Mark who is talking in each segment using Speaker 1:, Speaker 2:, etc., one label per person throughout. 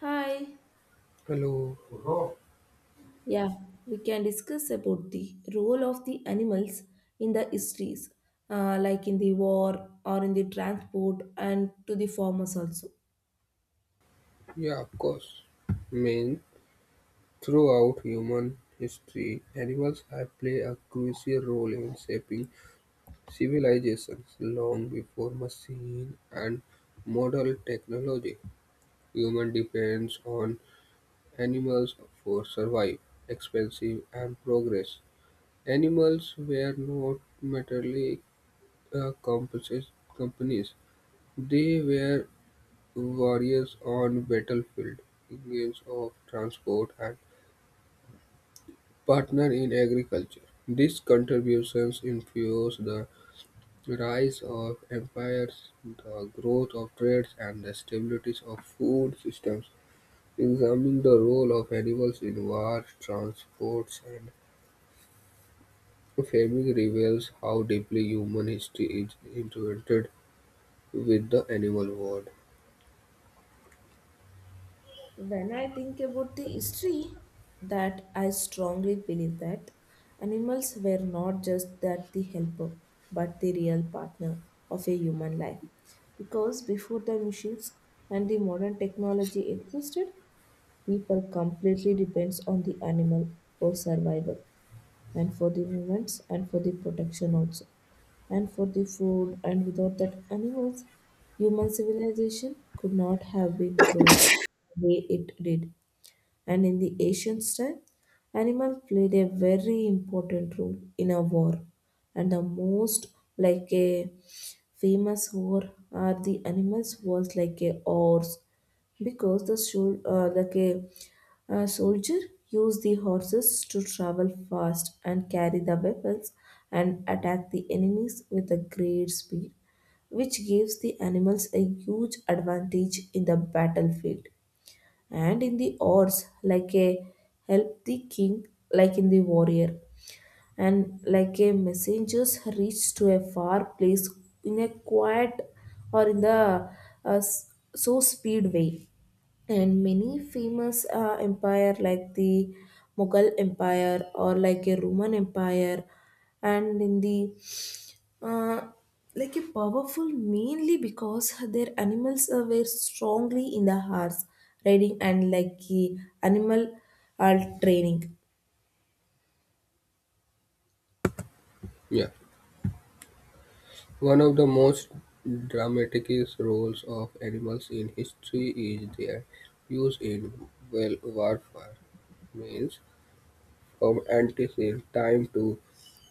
Speaker 1: Hi.
Speaker 2: Hello.
Speaker 1: Yeah, we can discuss about the role of the animals in the histories, like in the war or in the transport and to the farmers also.
Speaker 2: Yeah, of course. I mean, throughout human history, animals have played a crucial role in shaping civilizations long before machine and modern technology. Human depends on animals for survival, expansion, and progress. Animals were not materially uh, compos- companies; they were warriors on battlefield, agents of transport, and partner in agriculture. These contributions influence the rise of empires, the growth of trades, and the stability of food systems. Examining the role of animals in wars, transports, and famine reveals how deeply human history is intertwined with the animal world.
Speaker 1: When I think about the history, that I strongly believe that animals were not just that the helper, but the real partner of a human life. Because before the machines and the modern technology existed, people completely depends on the animal for survival and for the movements and for the protection also and for the food. And without that animals human civilization could not have been grown the way it did. And in the ancient time animals played a very important role in a war, and the most like a famous war are the animals was like a horse, because the should like a soldier used the horses to travel fast and carry the weapons and attack the enemies with a great speed, which gives the animals a huge advantage in the battlefield. And in the odds, like a help the king, like in the warrior and like a messengers reached to a far place in a quiet or in the so speed way. And many famous empire like the Mughal empire or like a Roman empire, and in the uh, like a powerful mainly because their animals were strongly in the horse riding and like the animal training.
Speaker 2: Yeah. One of the most dramatic roles of animals in history is their use in well warfare. Means from ancient time to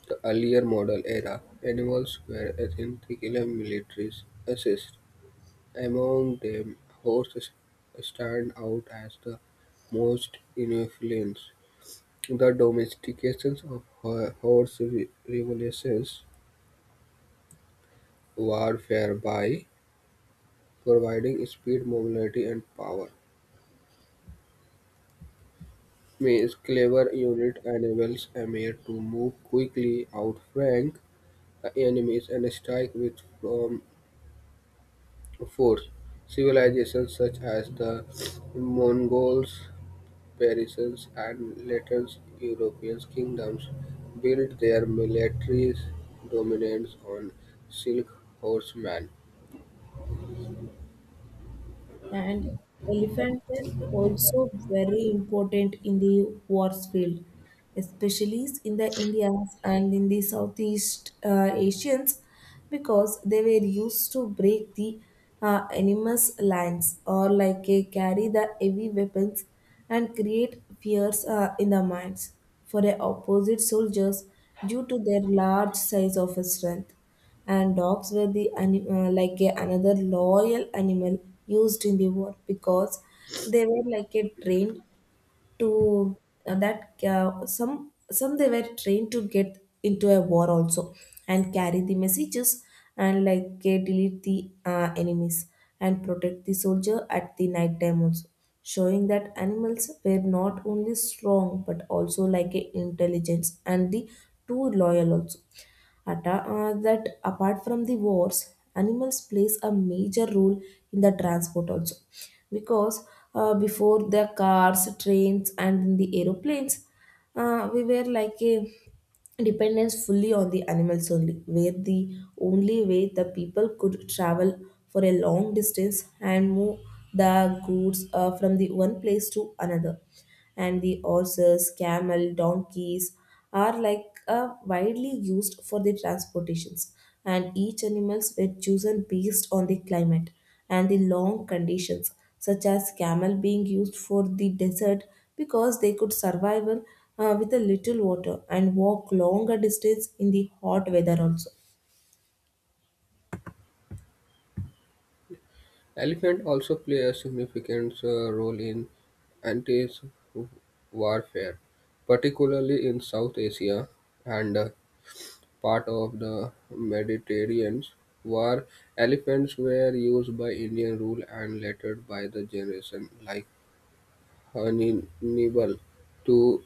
Speaker 2: the earlier modern era, animals were essential military assets. Among them, horses stand out as the most influential. The domestication of horse revolutions warfare by providing speed, mobility, and power means clever unit enables a mare to move quickly, outflank the enemies, and strike with um, force. Civilizations such as the Mongols, Persians, and later European kingdoms built their military dominance on silk horsemen.
Speaker 1: And elephants were also very important in the wars field, especially in the Indians and in the Southeast Asians, because they were used to break the enemy's lines or like carry the heavy weapons and create fears in the minds for the opposite soldiers due to their large size of strength. And dogs were the like a, another loyal animal used in the war, because they were like a trained to that some they were trained to get into a war also and carry the messages and like delete the enemies and protect the soldier at the night time also, showing that animals were not only strong but also like a intelligence and the too loyal also. That apart from the wars, animals plays a major role in the transport also, because before the cars, trains, and in the aeroplanes, we were like a dependence fully on the animals only, where the only way the people could travel for a long distance and move the goods from the one place to another. And the horses, camel, donkeys, are like widely used for the transportations. And each animals were chosen based on the climate and the long conditions, such as camel being used for the desert, because they could survive with a little water and walk longer distance in the hot weather also.
Speaker 2: Elephants also play a significant role in anti-warfare, particularly in South Asia and part of the Mediterranean. War elephants were used by Indian rule and later by the generation like Hannibal to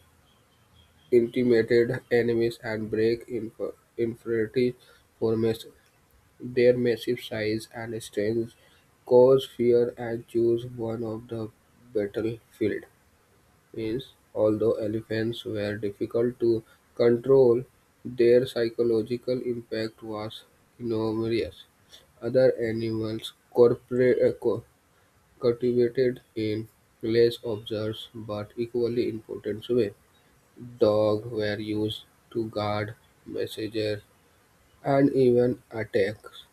Speaker 2: intimidate enemies and break infantry formations. Their massive size and strength caused fear and chose one of the battlefield. Means, although elephants were difficult to control, their psychological impact was enormous. Other animals cultivated in less observed but equally important way. Dogs were used to guard messengers and even attacks.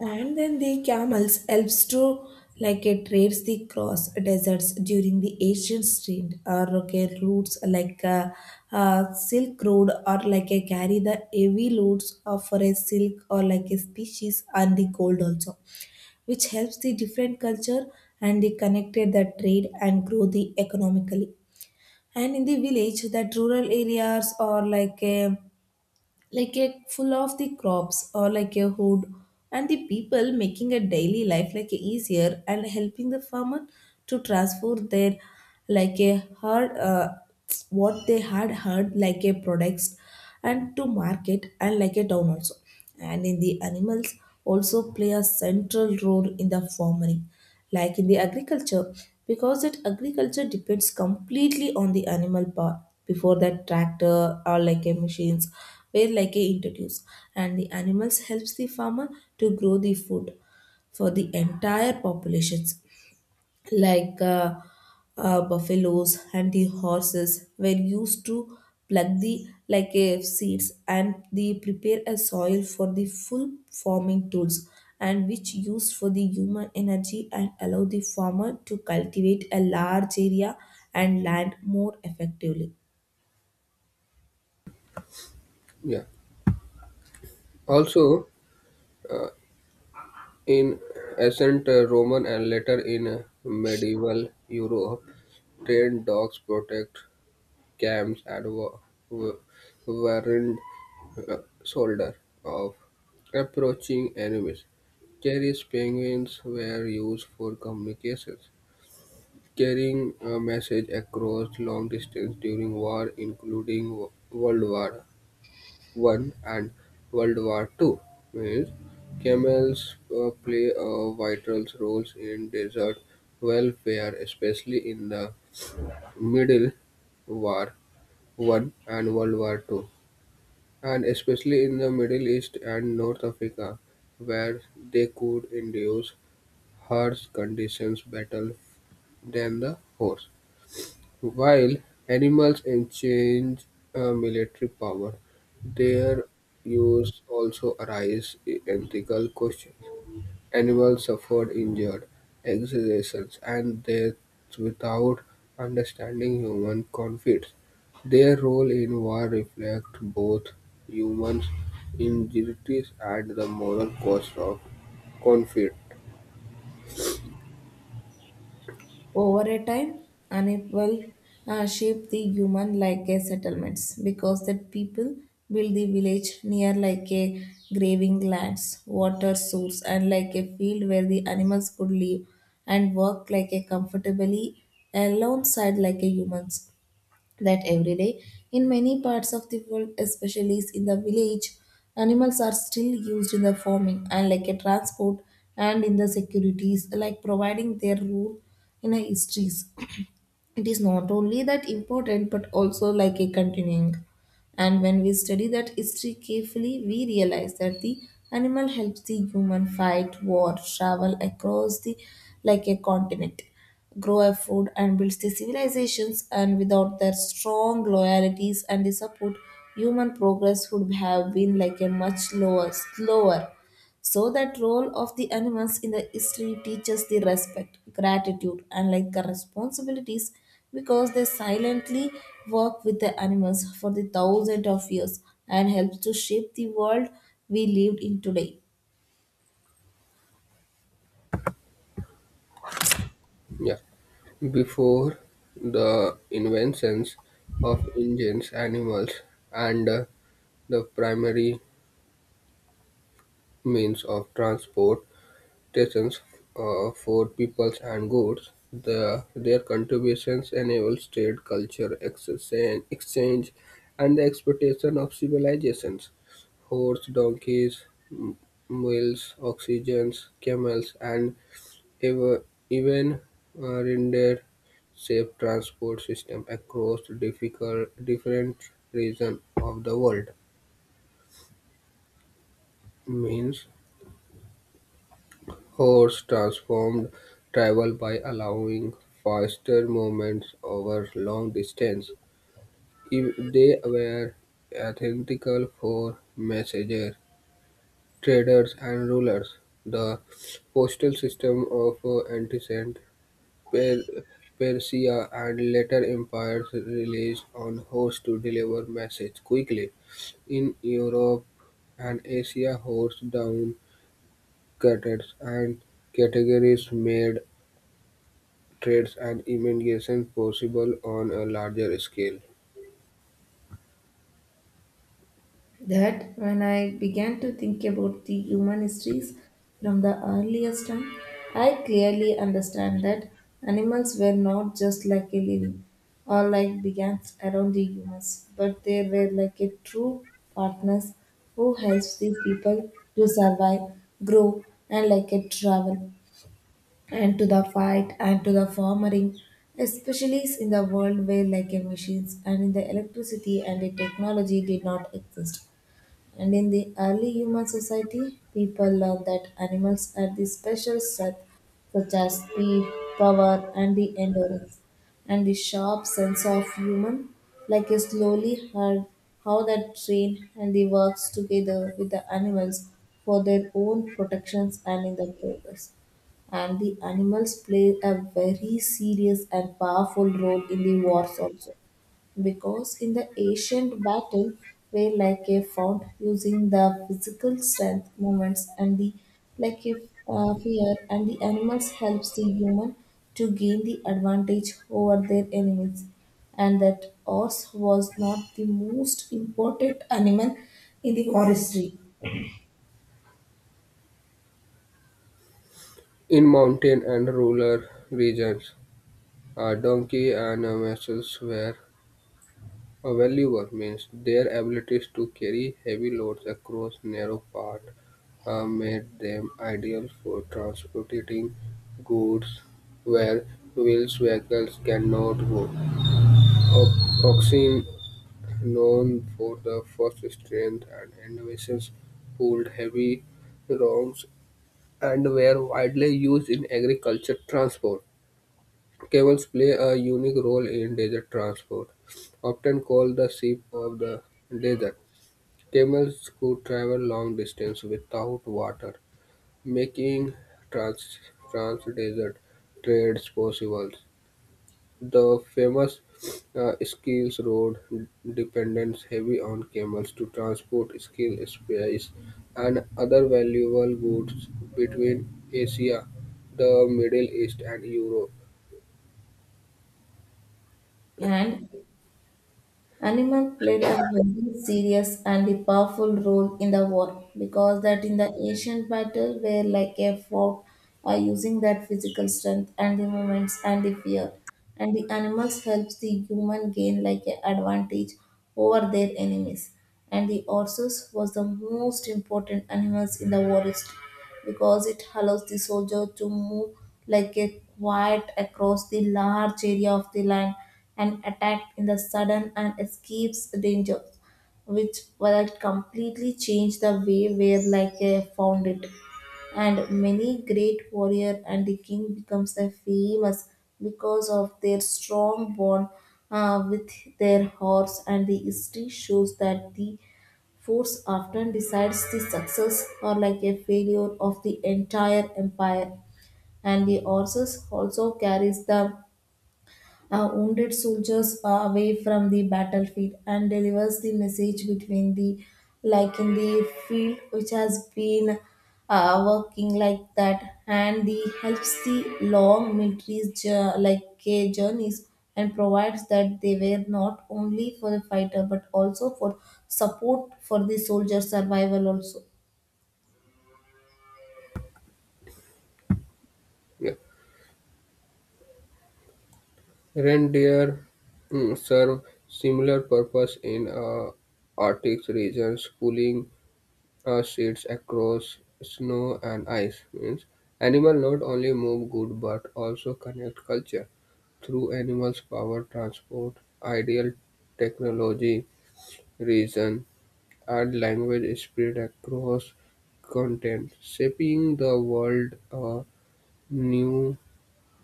Speaker 1: And then the camels helps to like it trades the cross deserts during the ancient trade or okay routes like silk road, or like a carry the heavy loads of for a silk or like a species and the gold also, which helps the different culture, and they connected the trade and grow the economically. And in the village that rural areas or like a full of the crops or like a hood, and the people making a daily life like a easier and helping the farmer to transfer their like a hard what they had heard like a products and to market and like a town also. And in the animals also play a central role in the farming, like in the agriculture, because that agriculture depends completely on the animal power before that tractor or like a machines were like a introduced. And the animals helps the farmer to grow the food for the entire populations, like buffaloes and the horses were used to pluck the like seeds and they prepare a soil for the full farming tools, and which used for the human energy and allow the farmer to cultivate a large area and land more effectively.
Speaker 2: Yeah. Also, uh, in ancient Roman and later in medieval Europe, trained dogs protect camps and wa- warned uh, soldiers of approaching enemies. Carriers penguins were used for communications, carrying a message across long distance during war, including World War I and World War Two. Means camels play a vital roles in desert welfare, especially in the Middle War One and World War Two, and especially in the Middle East and North Africa, where they could induce harsh conditions better than the horse. While animals exchange military power, their use also arises ethical questions. Animals suffered injured, executions, and deaths without understanding human conflicts. Their role in war reflects both humans' injustice and the moral cost of conflict.
Speaker 1: Over a time, unequal shape the human like a settlements, because that people build the village near like a graving lands, water source, and like a field where the animals could live and work like a comfortably alongside like a humans. That every day in many parts of the world, especially in the village, animals are still used in the farming and like a transport and in the securities, like providing their role in the histories. It is not only that important but also like a continuing. And when we study that history carefully we realize that the animal helps the human fight war travel across the like a continent grow a food and builds the civilizations, and without their strong loyalties and the support, human progress would have been like a much lower slower. So that role of the animals in the history teaches the respect, gratitude, and like the responsibilities, because they silently work with the animals for the thousands of years and helps to shape the world we lived in today.
Speaker 2: Yeah. Before the inventions of engines, animals, and the primary means of transportation for peoples and goods, their contributions enabled trade, culture, exchange, and the exploitation of civilizations. Horse, donkeys, m- mules, oxygens, camels, and Ev- Even rendered safe transport system across difficult, different regions of the world. Means horse transformed travel by allowing faster movements over long distance. If they were identical for messengers, traders, and rulers. The postal system of ancient Per- Persia and later empires relied on horse to deliver messages quickly. In Europe and Asia, horse down cutters and categories made trades and immigration possible on a larger scale.
Speaker 1: That when I began to think about the human histories from the earliest time, I clearly understand that animals were not just like a living or like brigands around the humans, but they were like a true partners who helps the people to survive, grow, and like a travel and to the fight and to the farming, especially in the world where like a machines and in the electricity and the technology did not exist. And in the early human society, people learned that animals had the special strength such as speed, power, and the endurance, and the sharp sense of human, like a slowly heard how that train and the works together with the animals for their own protections and in the progress. And the animals play a very serious and powerful role in the wars also, because in the ancient battle were like a fought using the physical strength movements and the like if fear, and the animals helps the human to gain the advantage over their enemies. And that horse was not the most important animal in the forestry.
Speaker 2: In mountain and rural regions, a donkey and a mules were a valuer means their abilities to carry heavy loads across narrow paths made them ideal for transporting goods where wheeled vehicles cannot go. Oxen, known for their fast strength and innovations, pulled heavy logs and were widely used in agriculture transport. Camels play a unique role in desert transport, often called the sheep of the desert. Camels could travel long distance without water, making trans- trans-desert trades possible. The famous Schiels Road depends heavily on camels to transport skills, spices, and other valuable goods between Asia, the Middle East, and Europe.
Speaker 1: And animal played a very serious and a powerful role in the war, because that in the ancient battle were like a fort are using that physical strength and the movements and the fear, and the animals helps the human gain like an advantage over their enemies. And the horses was the most important animals in the war history, because it allows the soldier to move like a quiet across the large area of the land and attacked in the sudden and escapes danger, which will completely change the way where like found it. And many great warrior and the king becomes a famous because of their strong bond with their horse, and the history shows that the force often decides the success or like a failure of the entire empire. And the horses also carries the wounded soldiers away from the battlefield and delivers the message between the like in the field which has been working like that, and the helps the long military like journeys, and provides that they were not only for the fighter but also for support for the soldier survival also.
Speaker 2: Reindeer serve similar purpose in Arctic regions, pulling sheets across snow and ice means animal not only move good but also connect culture through animals power transport ideal technology reason and language spread across content shaping the world new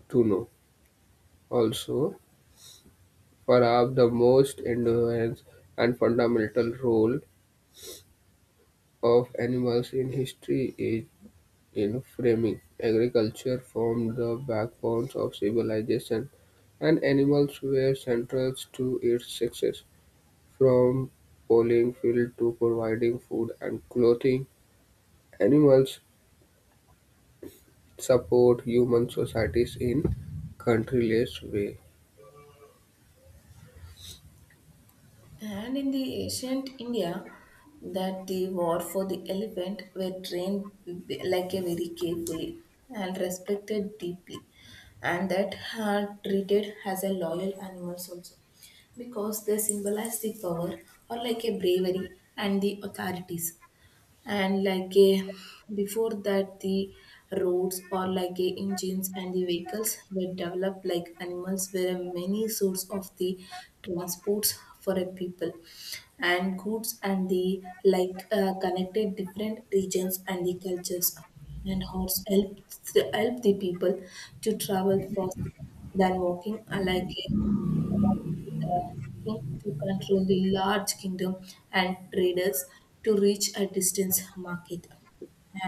Speaker 2: to know also perhaps the most endurance and fundamental role of animals in history is in framing. Agriculture formed the backbone of civilization, and animals were central to its success. From polling fields to providing food and clothing, animals support human societies in countless ways.
Speaker 1: And in the ancient India, that the war for the elephant were trained like a very carefully and respected deeply, and that are treated as a loyal animals also, because they symbolize the power or like a bravery and the authorities. And like a before that the roads or like a engines and the vehicles were developed, like animals were a many source of the transports for a people and goods, and the like connected different regions and the cultures. And horse help the people to travel faster than walking like a along with a king to control the large kingdom and traders to reach a distant market.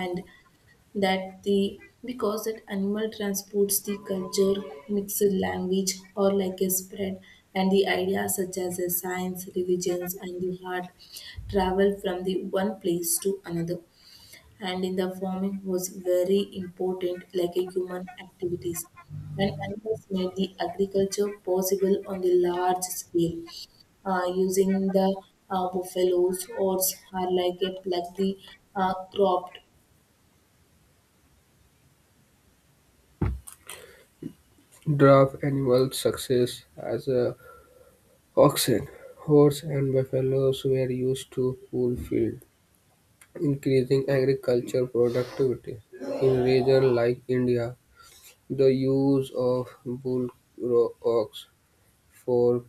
Speaker 1: And that the because that animal transports the culture mixed language or like a spread and the ideas such as a science religions and the art travel from the one place to another. And in the farming was very important like a human activities, and animals made the agriculture possible on the large scale using the buffaloes oats are like a plug the cropped.
Speaker 2: Draft animal success as a oxen, horse, and buffaloes were used to pull field, increasing agriculture productivity. In regions like India, the use of bull ox for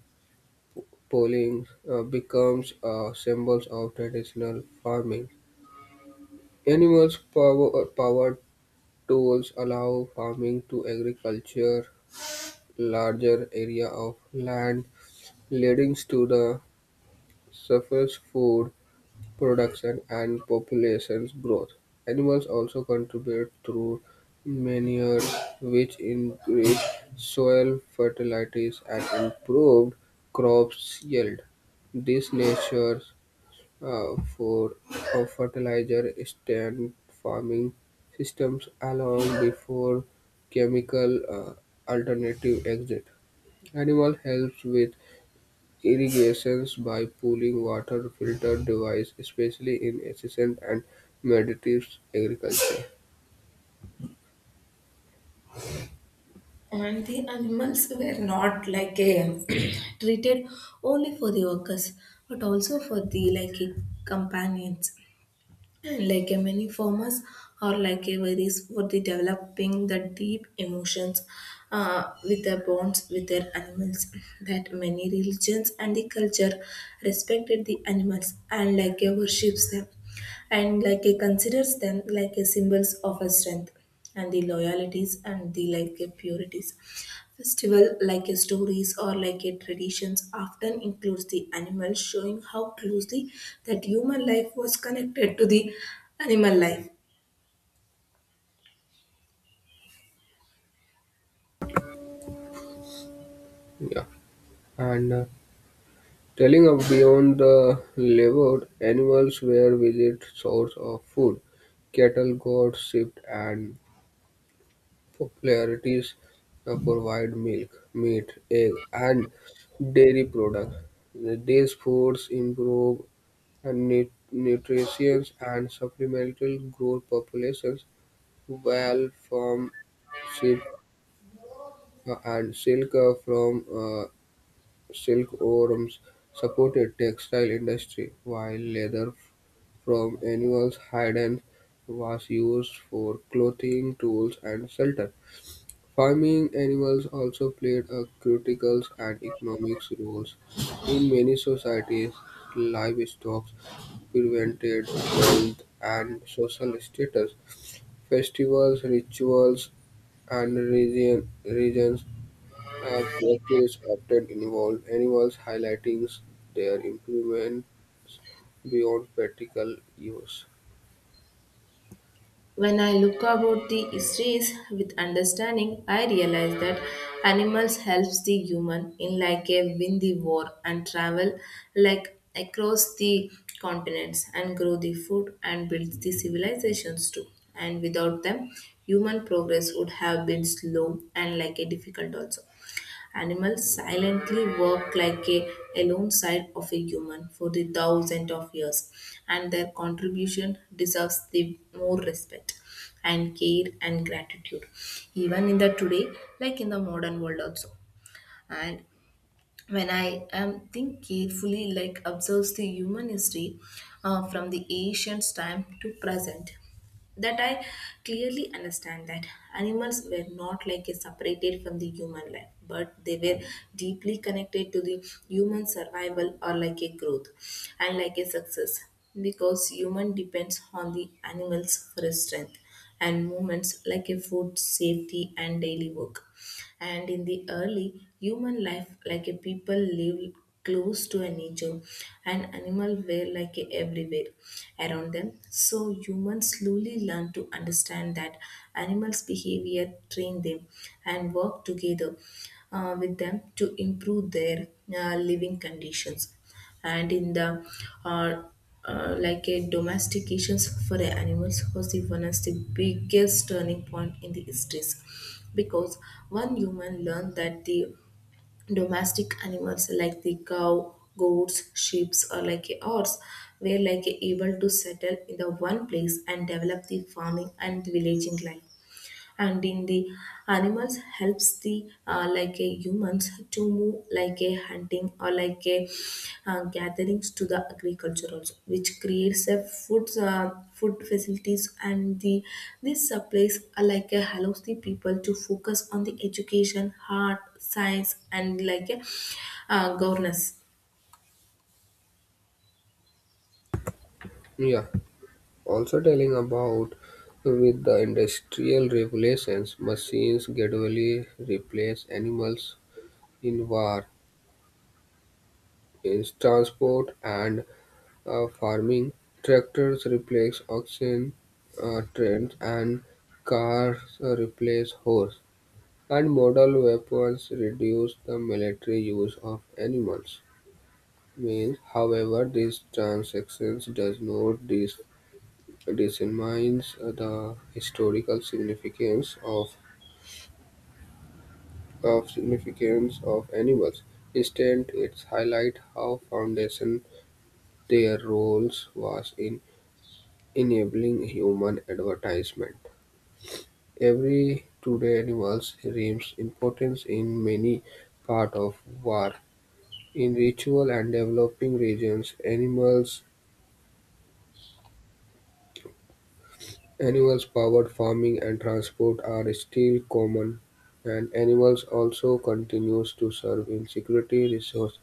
Speaker 2: ploughing becomes a symbol of traditional farming. Animals powered tools allow farming to agriculture larger area of land, leading to the surface food production and population growth. Animals also contribute through manure, which increase soil fertilities and improved crops yield. This nature for a fertilizer stand farming systems along before chemical alternative exit. Animal helps with irrigations by pooling water filter device, especially in adjacent and meditative agriculture.
Speaker 1: And the animals were not like a treated only for the workers but also for the like a companions. And like a many farmers or like a varies for the developing the deep emotions with their bonds with their animals, that many religions and the culture respected the animals and like a worships them and like a considers them like a symbols of a strength and the loyalties and the like a purities. Festival like a stories or like a traditions often includes the animals Showing how closely that human life was connected to the animal life.
Speaker 2: Yeah. And telling of beyond the levered, animals were visit source of food. Cattle, goats, sheep, and popularities provide milk, meat, egg, and dairy products. These foods improve and nutrition and supplemental growth populations. Wool from sheep and silk from silkworms supported textile industry, while leather from animals' hides was used for clothing, tools, and shelter. Farming animals also played a critical and economic roles in many societies. Livestock prevented wealth and social status. Festivals, rituals, and regions have practices often involve animals, highlighting their improvements beyond practical use.
Speaker 1: When I look about the histories with understanding, I realize that animals helps the human in like a win the war and travel like across the continents and grow the food and build the civilizations too. And without them, human progress would have been slow and like a difficult also. Animals silently work like a alone side of a human for the thousands of years, and their contribution deserves the more respect and care and gratitude, even in the today, like in the modern world also. And when I think carefully, like observes the human history from the ancient time to present, that I clearly understand that animals were not like a separated from the human life, but they were deeply connected to the human survival or like a growth and like a success, because human depends on the animals for strength and movements like a food safety and daily work. And in the early human life, like a people lived close to a nature and animal were like a everywhere around them, so humans slowly learn to understand that animals behavior, train them, and work together with them to improve their living conditions. And in the uh, like a domestications for the animals was the one as the biggest turning point in the histories, because one human learned that the domestic animals like the cow goats sheep or like a horse were like able to settle in the one place and develop the farming and villaging life. And in the animals helps the like a humans to move like a hunting or like a gatherings to the agriculture also, which creates a food facilities, and the this supplies are like a allows the people to focus on the education art science and like a governance.
Speaker 2: Yeah, also telling about with the industrial revolutions, machines gradually replace animals in war, in transport, and farming, tractors replace oxen trains and cars replace horse, and modern weapons reduce the military use of animals. Means, however, these transactions does not dismines the historical significance of significance of animals. Instead, it highlight how foundation their roles was in enabling human advertisement. Every today animals remains important in many parts of war. In ritual and developing regions, animals-powered farming and transport are still common, and animals also continues to serve in security, resource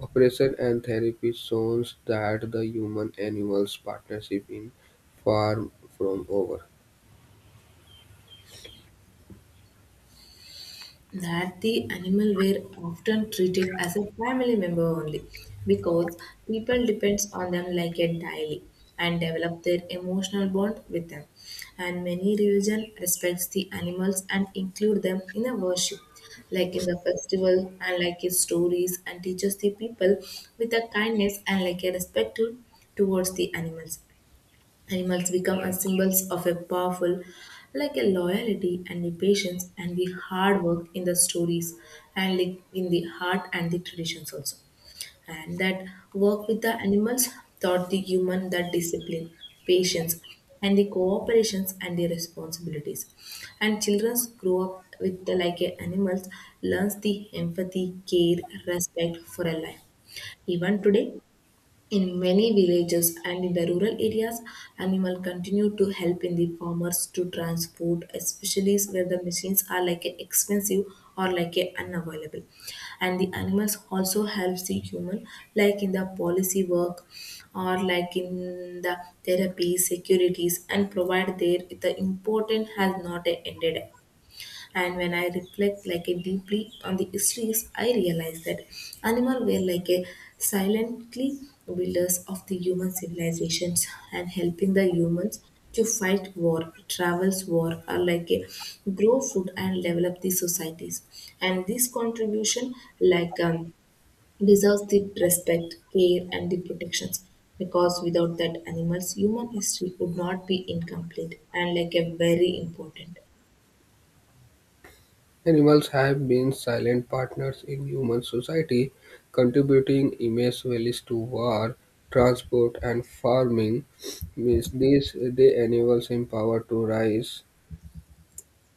Speaker 2: operation, and therapy zones that the human-animals partnership in far from over.
Speaker 1: That the animal were often treated as a family member only, because people depends on them like a daily and develop their emotional bond with them, and many religion respects the animals and include them in a worship like in the festival and like his stories, and teaches the people with a kindness and like a respect towards the animals. Animals become as symbols of a powerful, like a loyalty and the patience and the hard work in the stories and like in the heart and the traditions also. And that work with the animals taught the human that discipline, patience, and the cooperations and the responsibilities. And children grow up with the like a animals learns the empathy, care, respect for a life. Even today, in many villages and in the rural areas, animal continue to help in the farmers to transport, especially where the machines are like a expensive or like a unavailable. And the animals also helps the human, like in the policy work or like in the therapy, securities, and provide there the important has not ended. And when I reflect like a deeply on the histories, I realize that animals were like a silently builders of the human civilizations and helping the humans to fight war travels war or like a grow food and develop the societies, and this contribution like deserves the respect care and the protections, because without that animals human history would not be incomplete and like a very important.
Speaker 2: Animals have been silent partners in human society, contributing immense values to war, transport, and farming. Means these the animals empower to rise,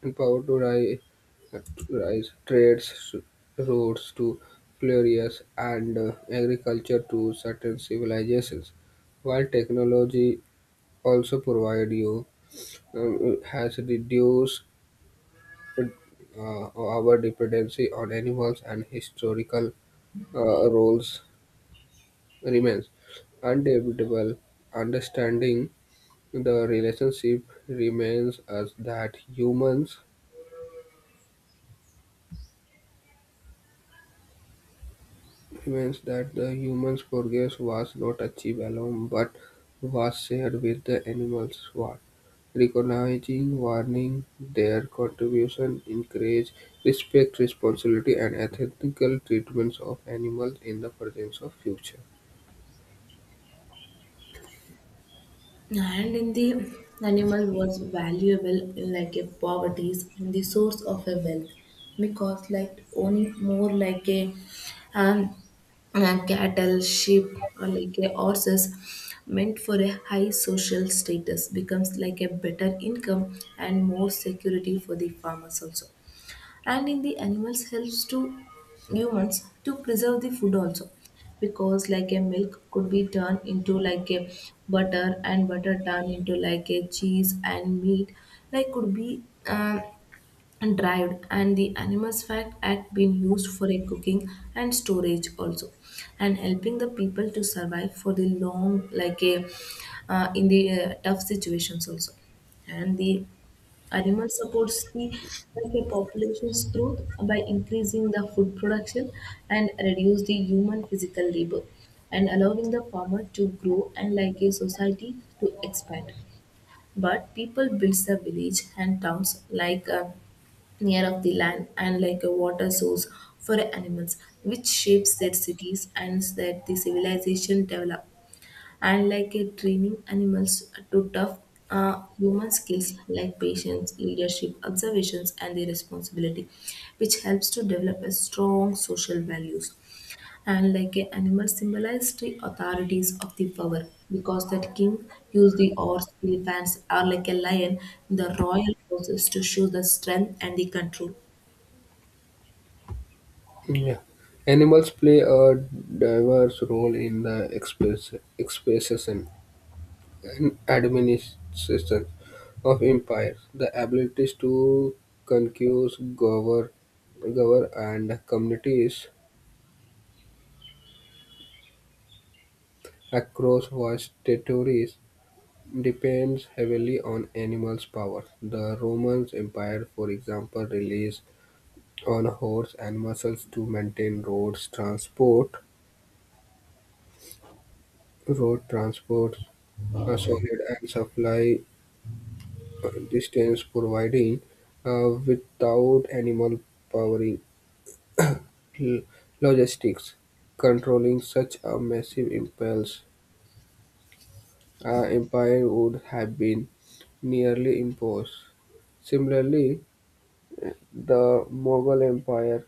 Speaker 2: empower to rise, rise trades roads to furious and agriculture to certain civilizations. While technology also provide you has reduced uh, our dependency on animals and historical roles remains undebatable. Understanding the relationship remains that the humans' progress was not achieved alone, but was shared with the animals. What recognizing, warning their contribution, encourage respect, responsibility, and ethical treatments of animals in the presence of future.
Speaker 1: And in the animal was valuable like a poverty and the source of a wealth, because like owning more like a um cattle, sheep or like a horses meant for a high social status becomes like a better income and more security for the farmers also. And in the animals helps to humans to preserve the food also, because like a milk could be turned into like a butter, and butter turned into like a cheese, and meat like could be um, dried, and the animals fat act been used for a cooking and storage also, and helping the people to survive for the long like a in the tough situations also. And the animal supports the like a population's growth by increasing the food production and reduce the human physical labor and allowing the farmer to grow and like a society to expand. But people builds the village and towns like near of the land and like a water source for animals, which shapes their cities and that the civilization develop. And like a training animals to tough human skills like patience, leadership, observations, and the responsibility, which helps to develop a strong social values. And like a animal symbolize the authorities of the power, because that king used the horse, elephants, or like a lion, in the royal horses to show the strength and the control.
Speaker 2: Yeah. Animals play a diverse role in the expression and administration of empires. The abilities to conquer, govern, govern and communities across vast territories depends heavily on animals' power. The Roman Empire, for example, relies on horse and muscles to maintain road transport solid and supply distance providing without animal powering l- logistics controlling such a massive impulse empire would have been nearly imposed similarly the Mughal empire.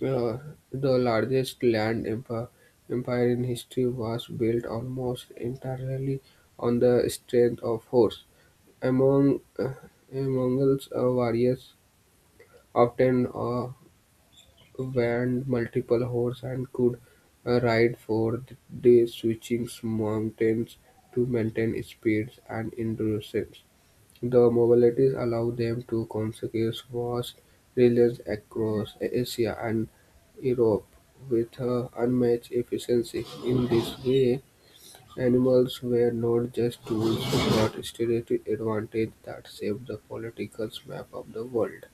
Speaker 2: Uh, the largest land empire in history was built almost entirely on the strength of horse. Among Mongols, warriors often went multiple horse and could ride for days, switching mountains to maintain speeds and endurance. The mobilities allow them to conseguir vast regions across Asia and Europe with unmatched efficiency. In this way, animals were not just tools but strategic advantage that shaped the political map of the world.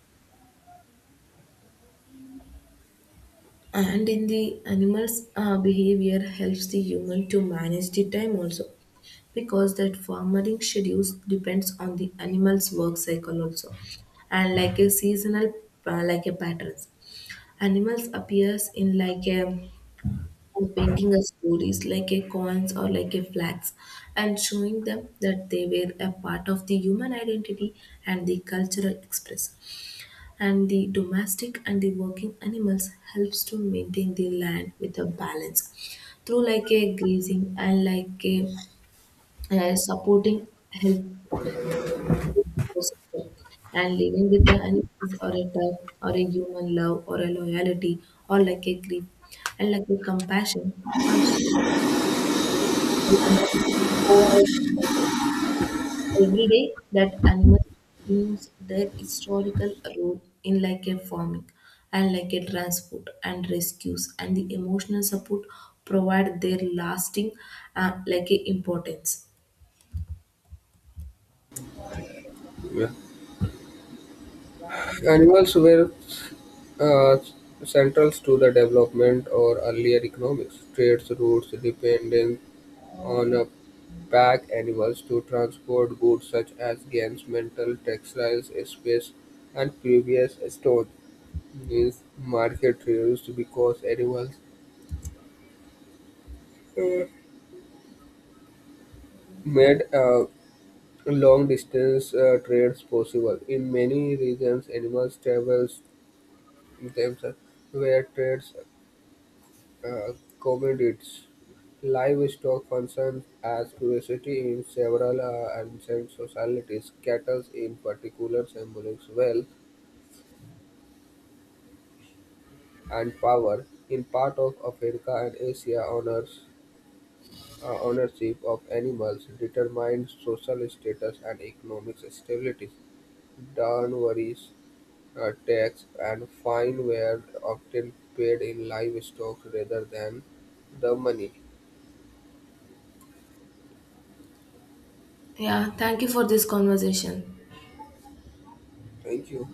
Speaker 1: And in the animal's behavior helps the human to manage the time also, because that farming schedules depends on the animal's work cycle also and like a seasonal like a patterns. Animals appears in like a painting of stories like a coins or like a flags, and showing them that they were a part of the human identity and the cultural expression. And the domestic and the working animals helps to maintain the land with a balance through like a grazing and like a, supporting health ecosystem. And living with the animals or a tough or a human love or a loyalty or like a grief and like a compassion or over a generation. Every day that animals use their historical role in like a farming and like a transport and rescues and the emotional support provide their lasting like a importance.
Speaker 2: Yeah. Animals were uh, central to the development or earlier economics. Trade routes depended on pack animals to transport goods such as guns, metal, textiles, spices, and previous stones. These market reduced because animals uh, made long distance trades possible. In many regions, animals travels themselves where trades uh, commodities. Livestock functions as curiosity in several ancient societies. Cattle, in particular, symbolize wealth and power in part of Africa and Asia honors ownership of animals determined social status and economic stability. Downwaries, tax, and fine were often paid in livestock rather than the money.
Speaker 1: Yeah, thank you for this conversation.
Speaker 2: Thank you.